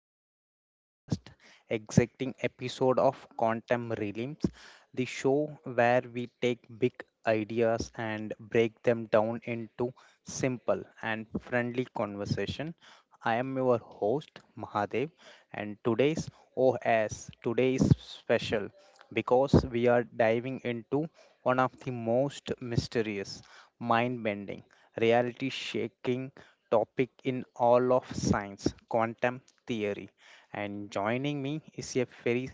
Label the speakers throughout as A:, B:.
A: for today podcast, exciting episode of Quantum Realms, the show where we take big ideas and break them down into simple and friendly conversation. I am your host Mahadev, and today's OS today is special because we are diving into one of the most mysterious, mind-bending, reality-shaking topic in all of science, quantum theory. And joining me is a very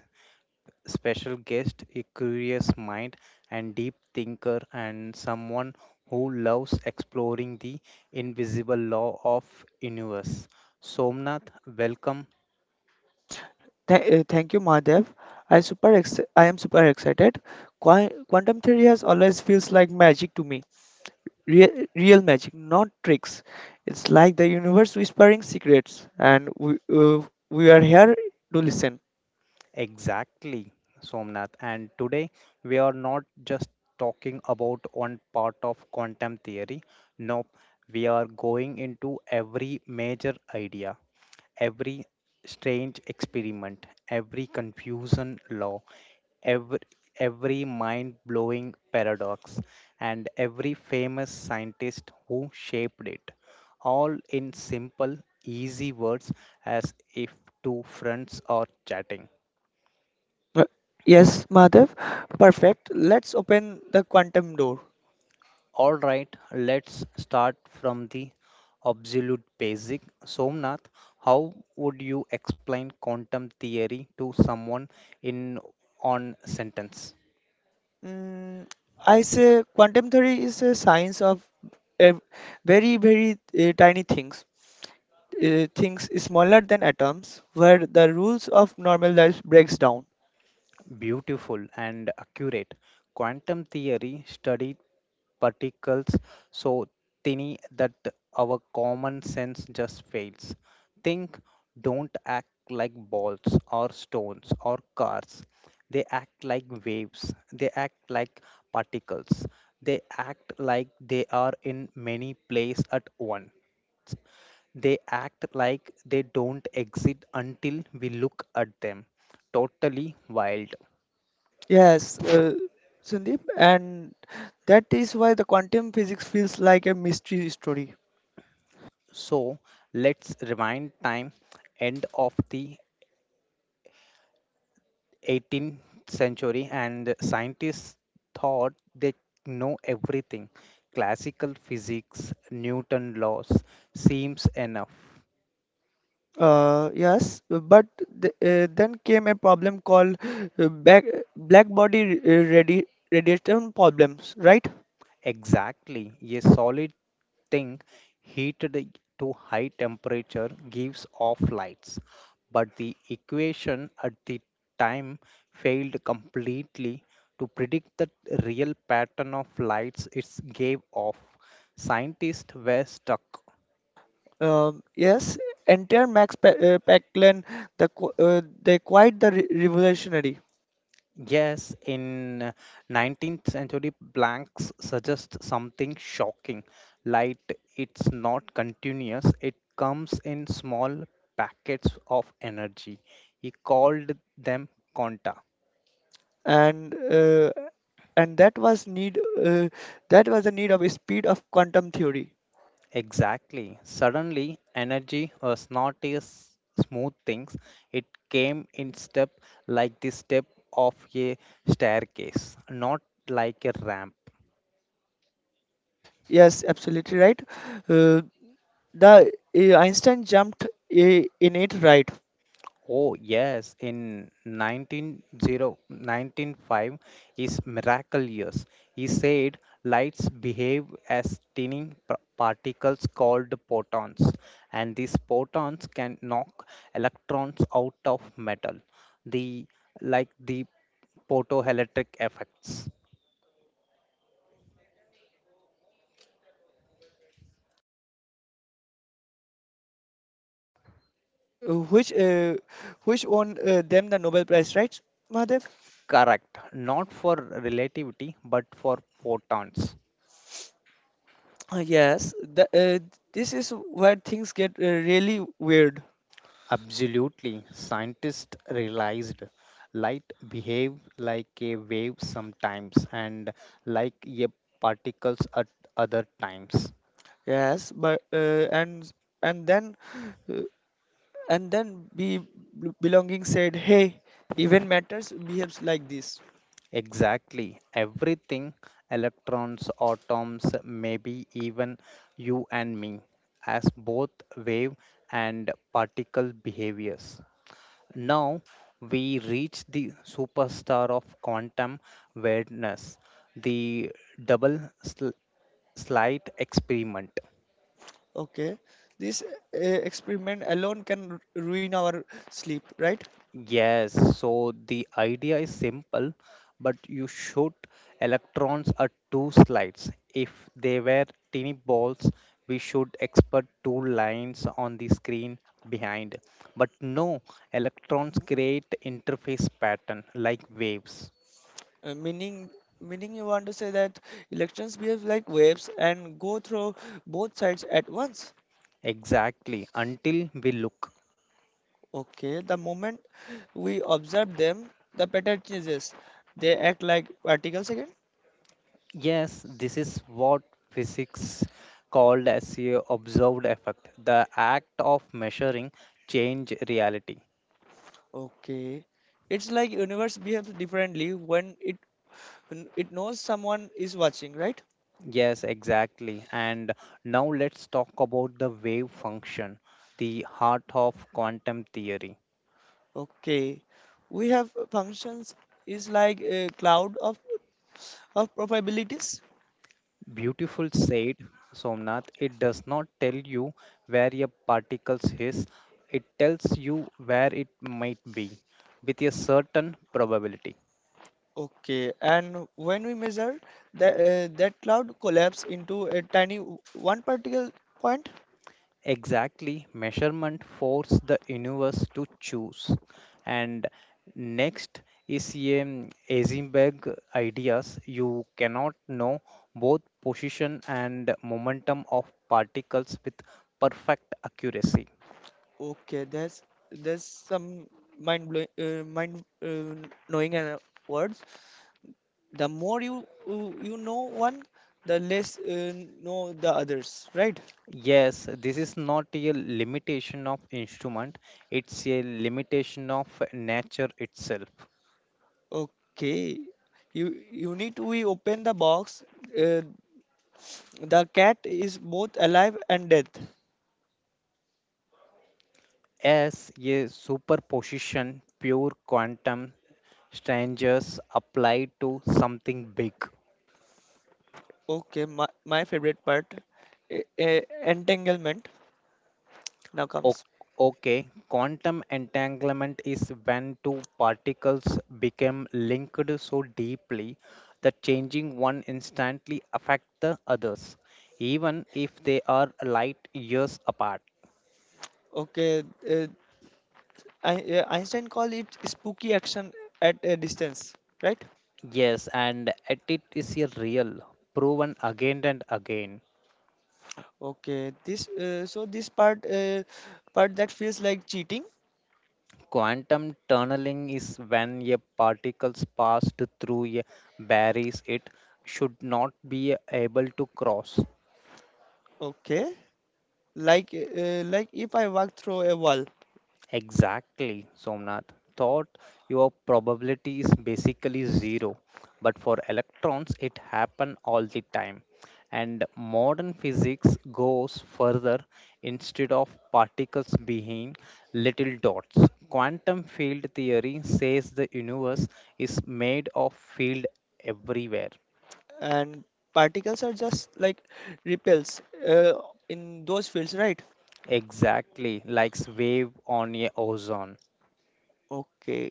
A: special guest, a curious mind and deep thinker, and someone who loves exploring the invisible law of universe. Somnath, welcome.
B: Thank you, Mahadev. I am super excited. Quantum theory has always feels like magic to me. Real, real magic, not tricks. It's like the universe whispering secrets, and we are here to listen.
A: Exactly, Somnath. And today we are not just talking about one part of quantum theory. Nope, we are going into every major idea, every strange experiment, every confusion law, every, every mind blowing paradox, and every famous scientist who shaped it, all in simple, easy words as if two friends are chatting.
B: Uh, yes, Madhav. Perfect. Let's open the quantum door.
A: All right, let's start from the absolute basic. Somnath, how would you explain quantum theory to someone in on sentence?
B: Mm, I say quantum theory is a science of ev- very very tiny things things smaller than atoms where the rules of normal life breaks down.
A: Beautiful and accurate. Quantum theory studied particles so tiny that our common sense just fails. Think don't act like balls or stones or cars. They act like waves. They act like particles. They act like they are in many places at once. They act like they don't exist until we look at them. Totally wild.
B: yes uh, Sandeep, and that is why the quantum physics feels like a mystery story.
A: So let's rewind time end of the 18th century, and scientists thought they know everything. Classical physics, Newton laws seems enough.
B: Yes, but then came a problem called uh, back, black body radiation problems, right?
A: Exactly. A solid thing heated to high temperature gives off lights, but the equation at the time failed completely to predict the real pattern of lights it gave off. Scientists were stuck.
B: Yes, enter Paclan, the qu- they quite the revolutionary.
A: Yes, in 19th century, Blanks suggest something shocking. Light, it's not continuous, it comes in small packets of energy. He called them quanta.
B: And uh, and that was need uh, that was the need of speed of quantum theory.
A: Exactly. Suddenly, energy was not a smooth thing, it came in step like the step of a staircase, not like a ramp.
B: Yes, absolutely right. Uh, the uh, Einstein jumped in it, right?
A: Oh, yes, in 1905 is miracle years. He said lights behave as tiny particles called photons, and these photons can knock electrons out of metal. The like the photoelectric effects.
B: Which which won them the Nobel Prize, right, Mahadev?
A: Correct. Not for relativity, but for photons.
B: Yes, this is where things get really weird.
A: Absolutely. Scientists realized light behave like a wave sometimes and like a particles at other times.
B: Yes but and then uh, and then be belonging said, hey, even matters behaves like this.
A: Exactly. Everything, electrons, atoms, maybe even you and me, as both wave and particle behaviors. Now we reach the superstar of quantum awareness, the double slight experiment.
B: Okay, this experiment alone can ruin our sleep, right?
A: Yes, so the idea is simple, but you shoot electrons at two slides. If they were tiny balls, we should expect two lines on the screen behind. But no, electrons create interface pattern like waves.
B: Uh, meaning, meaning you want to say that elections behave like waves and go through both sides at once.
A: Exactly, until we look.
B: Okay, the moment we observe them, the pattern changes. They act like particles again.
A: Yes, this is what physics called as a observed effect, the act of measuring change reality.
B: Okay, it's like universe behaves differently when it knows someone is watching, right?
A: Yes, exactly. And now let's talk about the wave function, the heart of quantum theory.
B: Okay, we have functions is like a cloud of probabilities.
A: Beautiful said, Somnath, it does not tell you where a particle is, it tells you where it might be with a certain probability.
B: Okay, and when we measure that cloud collapse into a tiny one particle point.
A: Exactly, measurement forced the universe to choose. And next is a Eisenberg ideas. You cannot know both position and momentum of particles with perfect accuracy.
B: Okay, that's some mind blowing mind knowing words. The more you know one, the less know the others, right?
A: Yes, this is not a limitation of instrument, it's a limitation of nature itself.
B: Okay, you you need to we open the box, uh, the cat is both alive and dead.
A: As a superposition, pure quantum strangers applied to something big.
B: Okay, my favorite part, entanglement now
A: O-
B: comes.
A: Okay, quantum entanglement is when two particles become linked so deeply that changing one instantly affects the others, even if they are light years apart.
B: Okay, uh, Einstein call it spooky action at a distance, right?
A: Yes, and it is a real, proven again and again.
B: Okay, this so this part that feels like cheating.
A: Quantum tunneling is when a particles passed through a barriers it should not be able to cross.
B: Okay, like if I walk through a wall.
A: Exactly, Somnath. Thought your probability is basically zero, but for electrons it happen all the time. And modern physics goes further. Instead of particles being little dots, quantum field theory says the universe is made of field everywhere.
B: And particles are just like repels in those fields, right?
A: Exactly, like wave on a ozone.
B: Okay,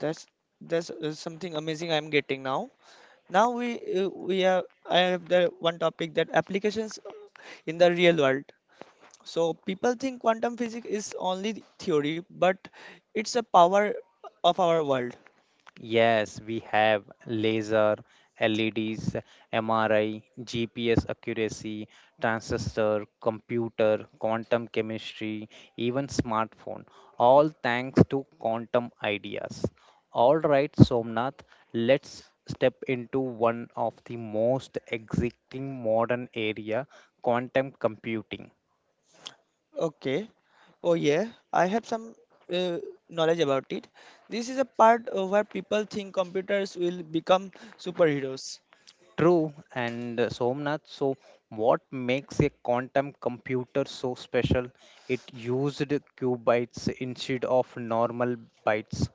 B: that's that's something amazing I'm getting now. Now we have I have the one topic that applications in the real world. So people think quantum physics is only theory, but it's a power of our world.
A: Yes, we have laser, LEDs, MRI, GPS accuracy, transistor, computer, quantum chemistry, even smartphone, all thanks to quantum ideas. All right, Somnath, let's step into one of the most exciting modern area, quantum computing.
B: Okay. Oh yeah, I have some uh, knowledge about it. This is a part where people think computers will become superheroes.
A: True, and Somnath, so what makes a quantum computer so special? It used qubits instead of normal bytes.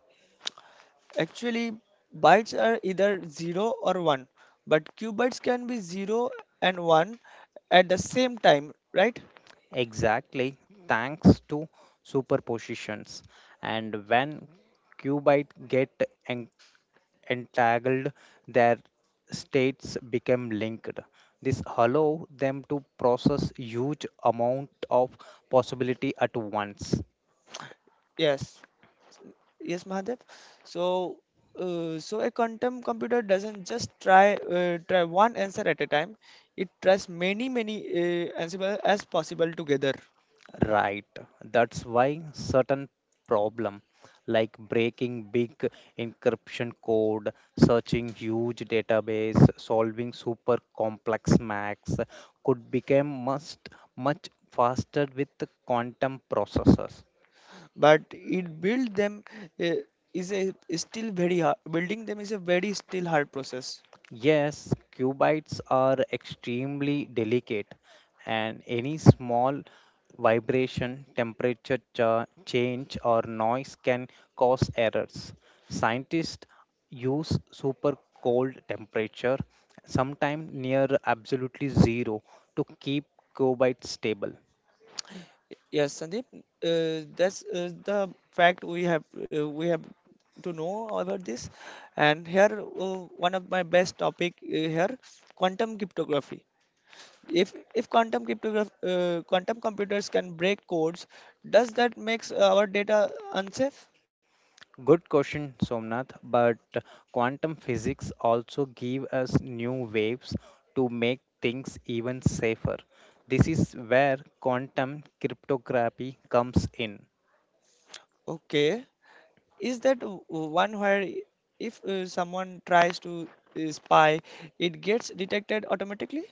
B: Actually, bytes are either zero or one, but qubits can be zero and one at the same time, right?
A: Exactly, thanks to superpositions. And when qubits get en- entangled, their states become linked. This allow them to process huge amount of possibility at once.
B: Yes. Yes, Mahadev. So, so a quantum computer doesn't just try one answer at a time. It tries many answers as possible together.
A: Right. That's why certain problem like breaking big encryption code, searching huge database, solving super complex maths could become much much faster with the quantum processors.
B: But it build them uh, is a is still very hard. Building them is a very still hard process.
A: Yes, cubites are extremely delicate, and any small vibration, temperature change, or noise can cause errors. Scientists use super cold temperature, sometimes near absolutely zero, to keep cubites stable.
B: Yes, Sandeep. That's the fact we have to know about this. And here one of my best topic here, quantum cryptography. If quantum computers can break codes, does that makes our data unsafe?
A: Good question, Somnath. But quantum physics also give us new waves to make things even safer. This is where quantum cryptography comes in.
B: Okay, is that one where if someone tries to spy, it gets detected automatically?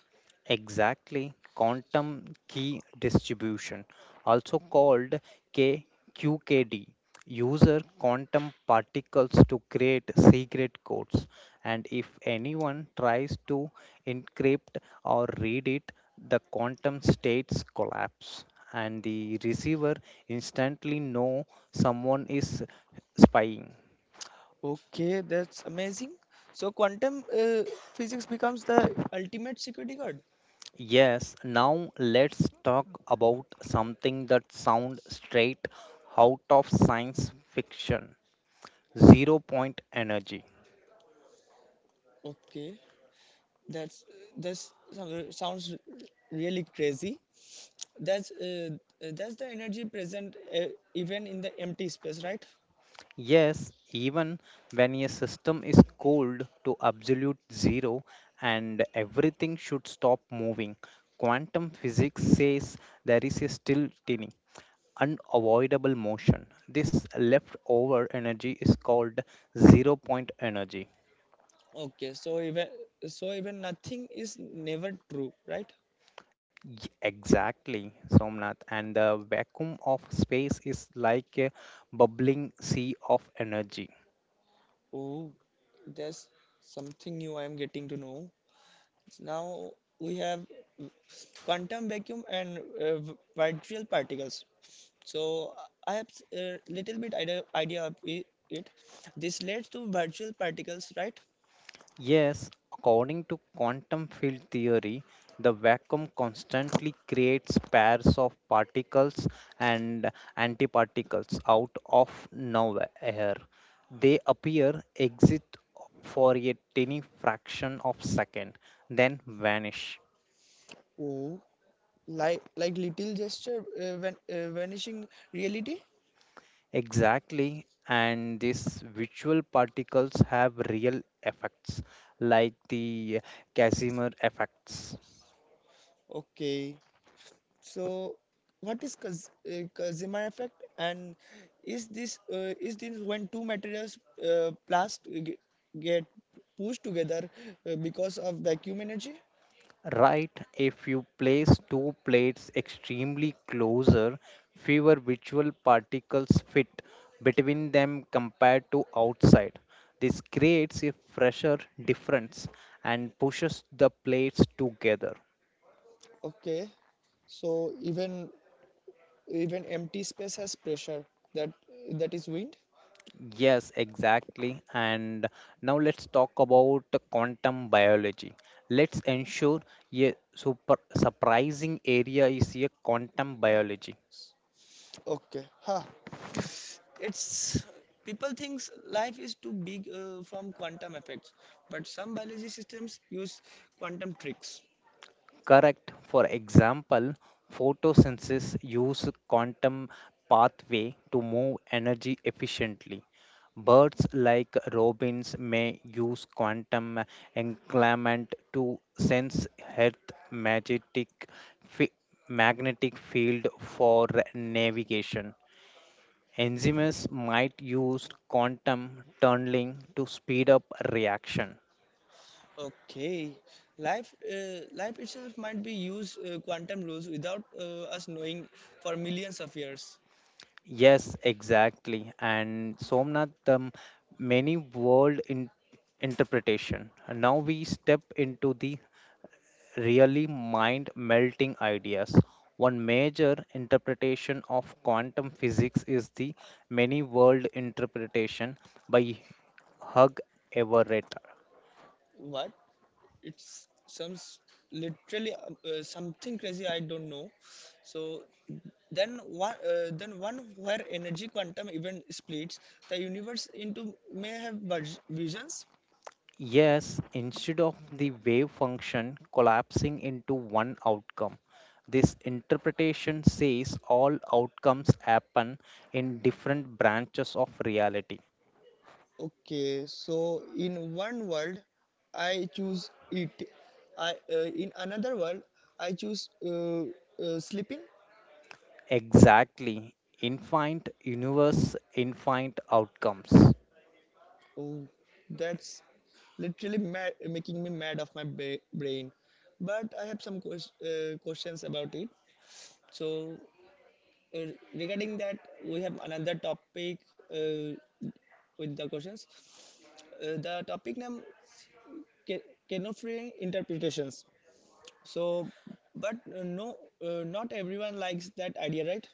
A: Exactly, quantum key distribution, also called KQKD, user quantum particles to create secret codes. And if anyone tries to encrypt or read it, the quantum states collapse, and the receiver instantly know someone is spying.
B: Okay, that's amazing. So quantum physics becomes the ultimate security guard.
A: Yes, now let's talk about something that sounds straight out of science fiction zero point energy.
B: Okay, that's that's sounds really crazy. That's uh, that's the energy present even in the empty space, right?
A: Yes, even when a system is cooled to absolute zero and everything should stop moving, quantum physics says there is a still tiny, unavoidable motion. This leftover energy is called zero point energy.
B: Okay, so even nothing is never true, right?
A: Exactly, Somnath. And the vacuum of space is like a bubbling sea of energy.
B: Oh, there's something new I am getting to know. Now we have quantum vacuum and virtual particles. So I have a little bit idea of it. This leads to virtual particles, right?
A: Yes, according to quantum field theory, the vacuum constantly creates pairs of particles and antiparticles out of nowhere. They appear, exit for a tiny fraction of second, then vanish.
B: Oh, like little gesture vanishing reality.
A: Exactly, and these virtual particles have real effects, like the Casimir effects.
B: Okay. So, what is Kazimir effect, and is this when two materials uh, blast ge- get pushed together because of vacuum energy?
A: Right, if you place two plates extremely closer, fewer virtual particles fit between them compared to outside. This creates a fresher difference and pushes the plates together.
B: Okay, so even even empty space has pressure. That that is wind.
A: Yes, exactly. And now let's talk about the quantum biology. Let's ensure a super surprising area is a quantum biology.
B: Okay, huh? It's people thinks life is too big from quantum effects, but some biology systems use quantum tricks.
A: Correct. For example, photosynthesis use quantum pathway to move energy efficiently. Birds like robins may use quantum encampment to sense Earth magnetic fi- field for navigation. Enzymes might use quantum tunneling to speed up reaction.
B: Okay, life itself might be used quantum rules without us knowing for millions of years.
A: Yes, exactly. And Somnath, many world in interpretation. And now we step into the really mind melting ideas. One major interpretation of quantum physics is the many world interpretation by Hug Everett.
B: What? It's some literally something crazy I don't know. So then one where energy quantum even splits the universe into may have visions.
A: Yes, instead of the wave function collapsing into one outcome, this interpretation says all outcomes happen in different branches of reality.
B: Okay, so in one world I choose it. I In another world I choose sleeping.
A: Exactly, infinite universe, infinite outcomes.
B: Oh, that's literally mad, making me mad of my brain. But I have some questions about it. So, uh, regarding that, we have another topic uh, with the questions. The topic name ca- canofreeing interpretations. So, but no, not everyone likes that idea, right?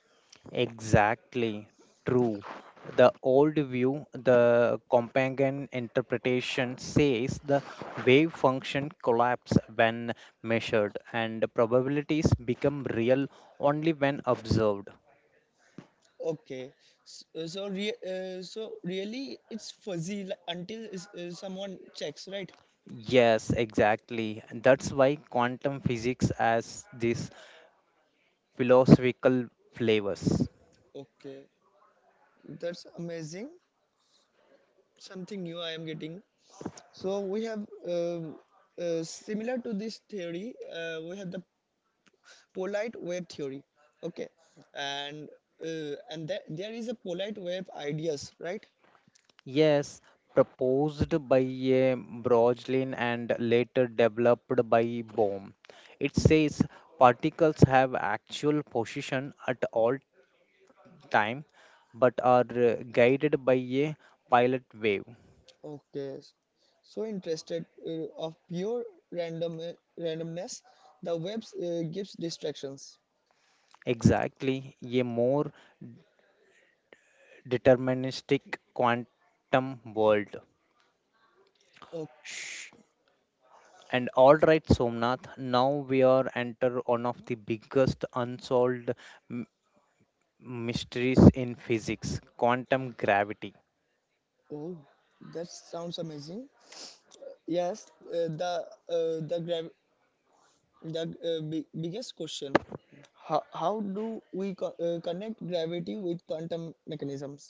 A: Exactly. True. The old view, the Companion interpretation says the wave function collapse when measured and probabilities become real only when observed.
B: Okay, so really, it's fuzzy until someone checks, right?
A: Yes, exactly. That's why quantum physics has these philosophical flavors.
B: Okay. That's amazing. Something new I am getting. So we have similar to this theory. We have the polite wave theory. Okay, and and that there is a polite wave ideas, right?
A: Yes, proposed by Broglie and later developed by Bohm. It says particles have actual position at all time but are guided by a pilot wave.
B: Okay, so interested of pure random randomness. The webs gives distractions.
A: Exactly, a more deterministic quantum world.
B: Oh,
A: Shh. And all right, Somnath, now we are enter one of the biggest unsolved m- mysteries in physics, quantum gravity.
B: oh, that sounds amazing. Yes, uh, the uh, the grav The uh, big biggest question, how do we connect gravity with quantum mechanisms?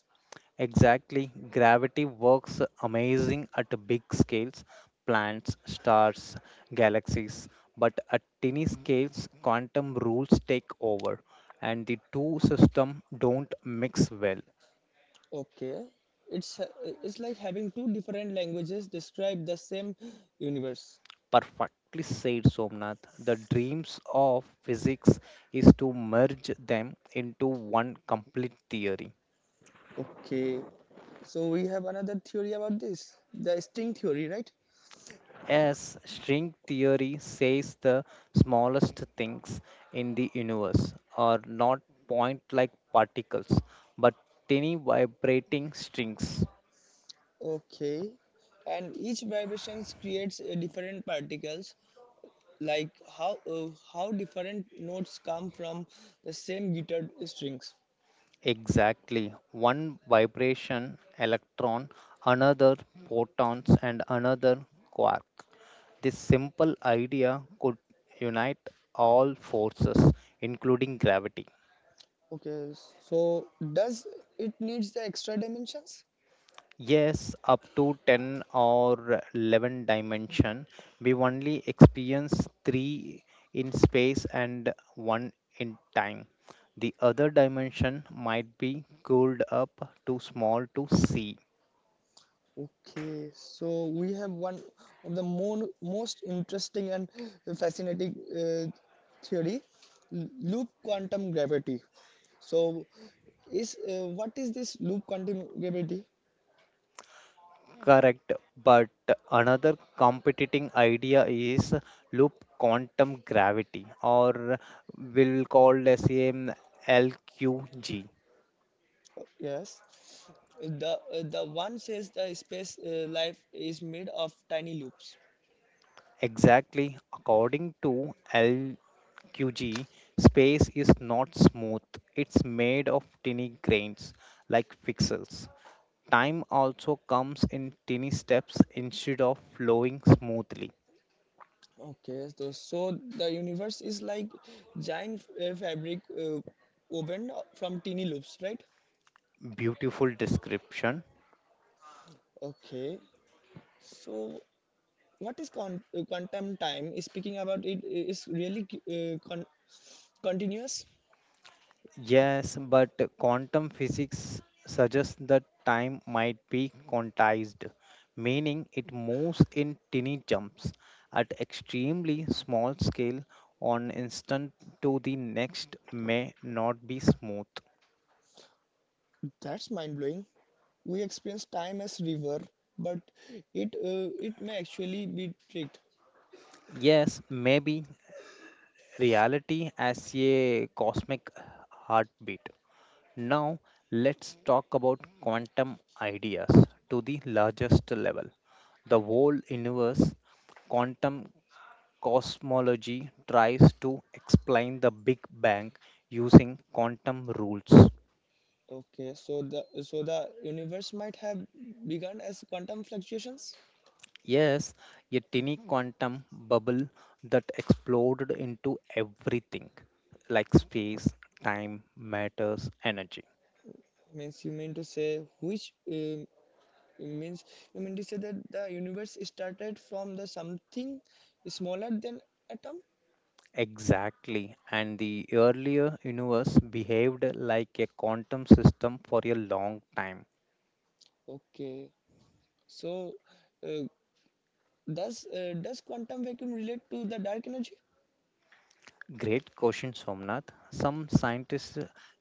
A: Exactly, gravity works amazing at big scales, planets, stars, galaxies, but at tiny scales quantum rules take over and the two systems don't mix well.
B: Okay, it's uh, it's like having two different languages describe the same universe.
A: Perfectly said, Somnath. The dreams of physics is to merge them into one complete theory.
B: Okay, so we have another theory about this, the string theory, right?
A: As string theory says, the smallest things in the universe are not point like particles, but tiny vibrating strings.
B: Okay, and each vibrations creates a different particles. Like how different notes come from the same guitar strings.
A: Exactly. One vibration, electron, another photons, and another quark. This simple idea could unite all forces, including gravity.
B: Okay, so does it needs the extra dimensions?
A: Yes, up to 10 or 11 dimension. We only experience three in space and one in time. The other dimension might be cooled up too small to see.
B: Okay, so we have one of the most interesting and fascinating theory, loop quantum gravity. So, is what is this loop quantum gravity?
A: Correct, but another competing idea is loop quantum gravity, or we'll call as a LQG.
B: Yes, the one says the space life is made of tiny loops.
A: Exactly, according to L. QG, space is not smooth. It's made of tiny grains like pixels. Time also comes in tiny steps instead of flowing smoothly.
B: Okay, so so the universe is like giant fabric woven from teeny loops, right?
A: Beautiful description.
B: Okay. So what is quantum time? Speaking about it is really continuous.
A: Yes, but quantum physics suggests that time might be quantized, meaning it moves in tiny jumps at extremely small scale on instant to the next may not be smooth.
B: That's mind blowing. We experience time as river, but it may actually be tricked.
A: Yes, maybe reality as a cosmic heartbeat. Now, let's talk about quantum ideas to the largest level. The whole universe, quantum cosmology tries to explain the Big Bang using quantum rules.
B: Okay, so the universe might have begun as quantum fluctuations.
A: Yes, a tiny quantum bubble that exploded into everything like space, time, matters, energy.
B: Means you mean to say which It means you mean to say that the universe started from the something smaller than atom.
A: Exactly. And the earlier universe behaved like a quantum system for a long time.
B: Okay, so uh, does does quantum vacuum relate to the dark energy?
A: Great question, Somnath. Some scientists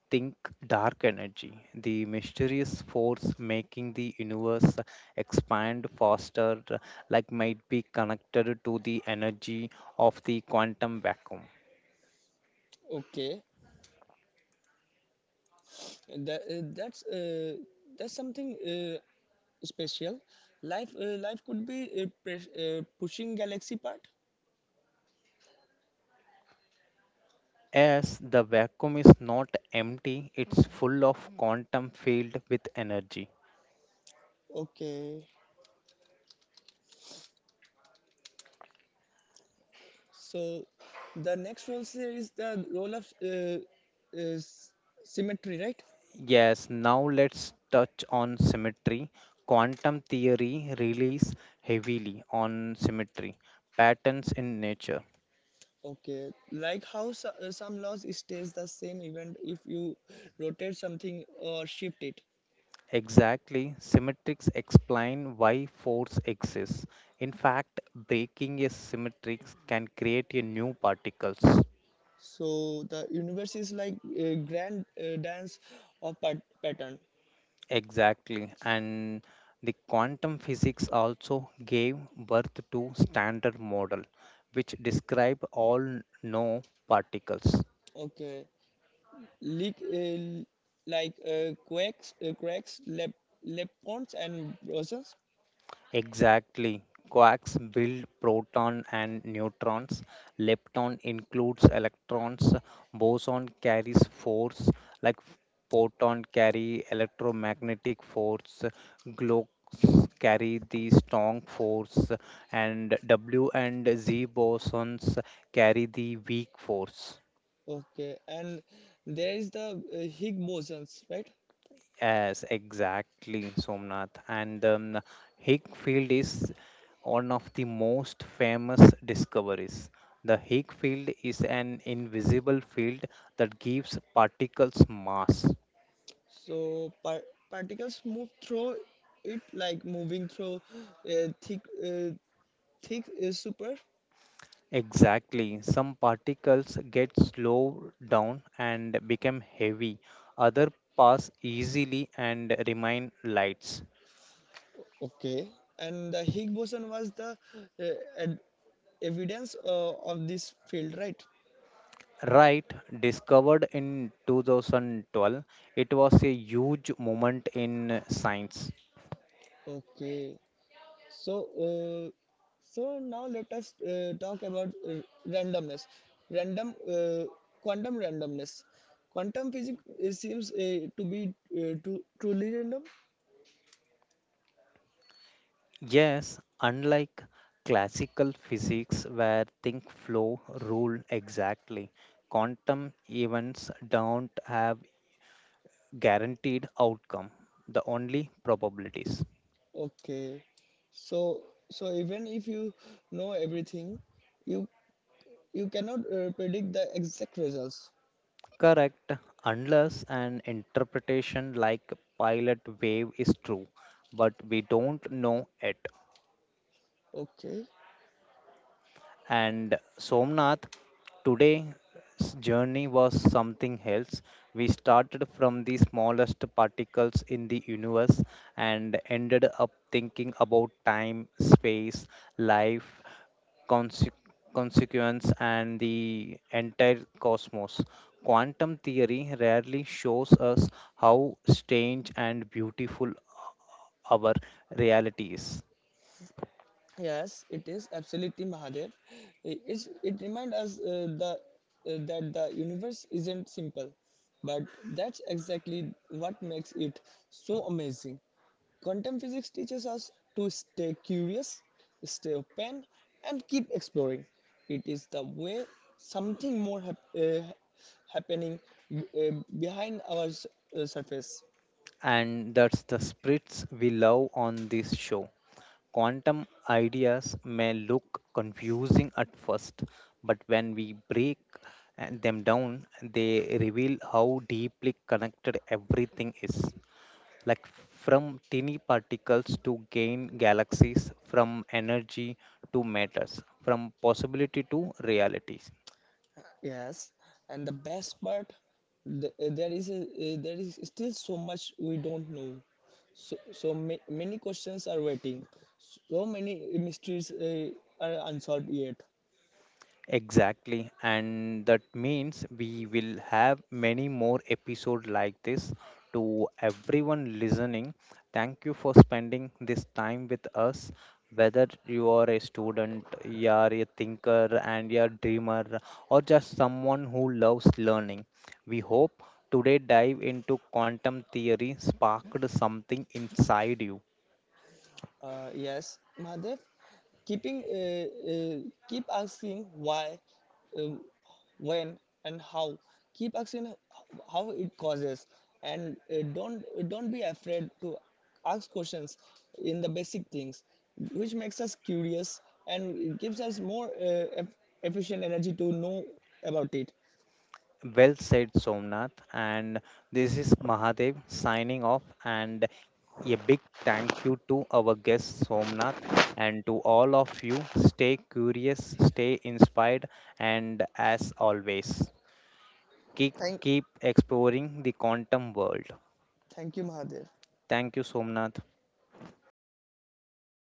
A: think dark energy, the mysterious force making the universe expand faster, like might be connected to the energy of the quantum vacuum.
B: Okay, that, uh, that's uh, that's something special. Life life could be pushing galaxy part.
A: As the vacuum is not empty, it's full of quantum field with energy.
B: Okay, so the next role here is the role of uh, s- symmetry, right?
A: Yes, now let's touch on symmetry. Quantum theory relies heavily on symmetry, patterns in nature.
B: Okay, like how some laws stays the same even if you rotate something or shift it.
A: Exactly, symmetrics explain why force exists. In fact, breaking a symmetric can create a new particles.
B: So the universe is like a grand dance of pattern.
A: Exactly, and the quantum physics also gave birth to standard model, which describe all known particles.
B: Okay, Leak, uh, like quakes, cracks, leptons and bosons.
A: Exactly. Quarks build proton and neutrons. Lepton includes electrons. Boson carries force, like photon carry electromagnetic force. Gluons carry the strong force, and W and Z bosons carry the weak force.
B: Okay, and there is the Higgs bosons, right?
A: Yes, exactly, Somnath. And Higg Field is one of the most famous discoveries. The Higg field is an invisible field that gives particles mass.
B: So particles move through it like moving through a thick super.
A: Exactly. Some particles get slowed down and become heavy. Other pass easily and remain lights.
B: Okay, and the Higgs boson was the uh, ed- evidence of this field, right?
A: Right, discovered in 2012, it was a huge moment in science.
B: Okay, so uh, so now let us talk about randomness, random quantum randomness. Quantum physics seems to be truly random.
A: Yes, unlike classical physics where things flow rule exactly, quantum events don't have guaranteed outcome, the only probabilities.
B: Okay, so so even if you know everything, you you cannot predict the exact results.
A: Correct, unless an interpretation like pilot wave is true, but we don't know it.
B: Okay.
A: And Somnath, today's journey was something else. We started from the smallest particles in the universe and ended up thinking about time, space, life, conse- consequence, and the entire cosmos. Quantum theory rarely shows us how strange and beautiful our reality is.
B: Yes, it is absolutely Mahadev. It reminds us that the universe isn't simple, but that's exactly what makes it so amazing. Quantum physics teaches us to stay curious, stay open, and keep exploring. It is the way something more happening uh, behind our surface.
A: And that's the spirits we love on this show. Quantum ideas may look confusing at first, but when we break them down, they reveal how deeply connected everything is. Like from tiny particles to gain galaxies, from energy to matters, from possibility to realities.
B: Yes, and the best part, there is there is still so much we don't know. So, so many questions are waiting. So many mysteries are unsolved yet.
A: Exactly, and that means we will have many more episodes like this. To everyone listening, thank you for spending this time with us. Whether you are a student, you are a thinker, and you're a dreamer, or just someone who loves learning, we hope today dive into quantum theory sparked something inside you.
B: Yes, Mahadev, keeping uh, uh, keep asking why, um, when, and how. Keep asking how it causes, and don't be afraid to ask questions in the basic things, which makes us curious and gives us more efficient energy to know about it.
A: Well said, Somnath. And this is Mahadev signing off. And a big thank you to our guest, Somnath, and to all of you. Stay curious, stay inspired, and as always, keep,
B: Thank
A: keep exploring the quantum world.
B: Thank you, Mahadev.
A: Thank you, Somnath.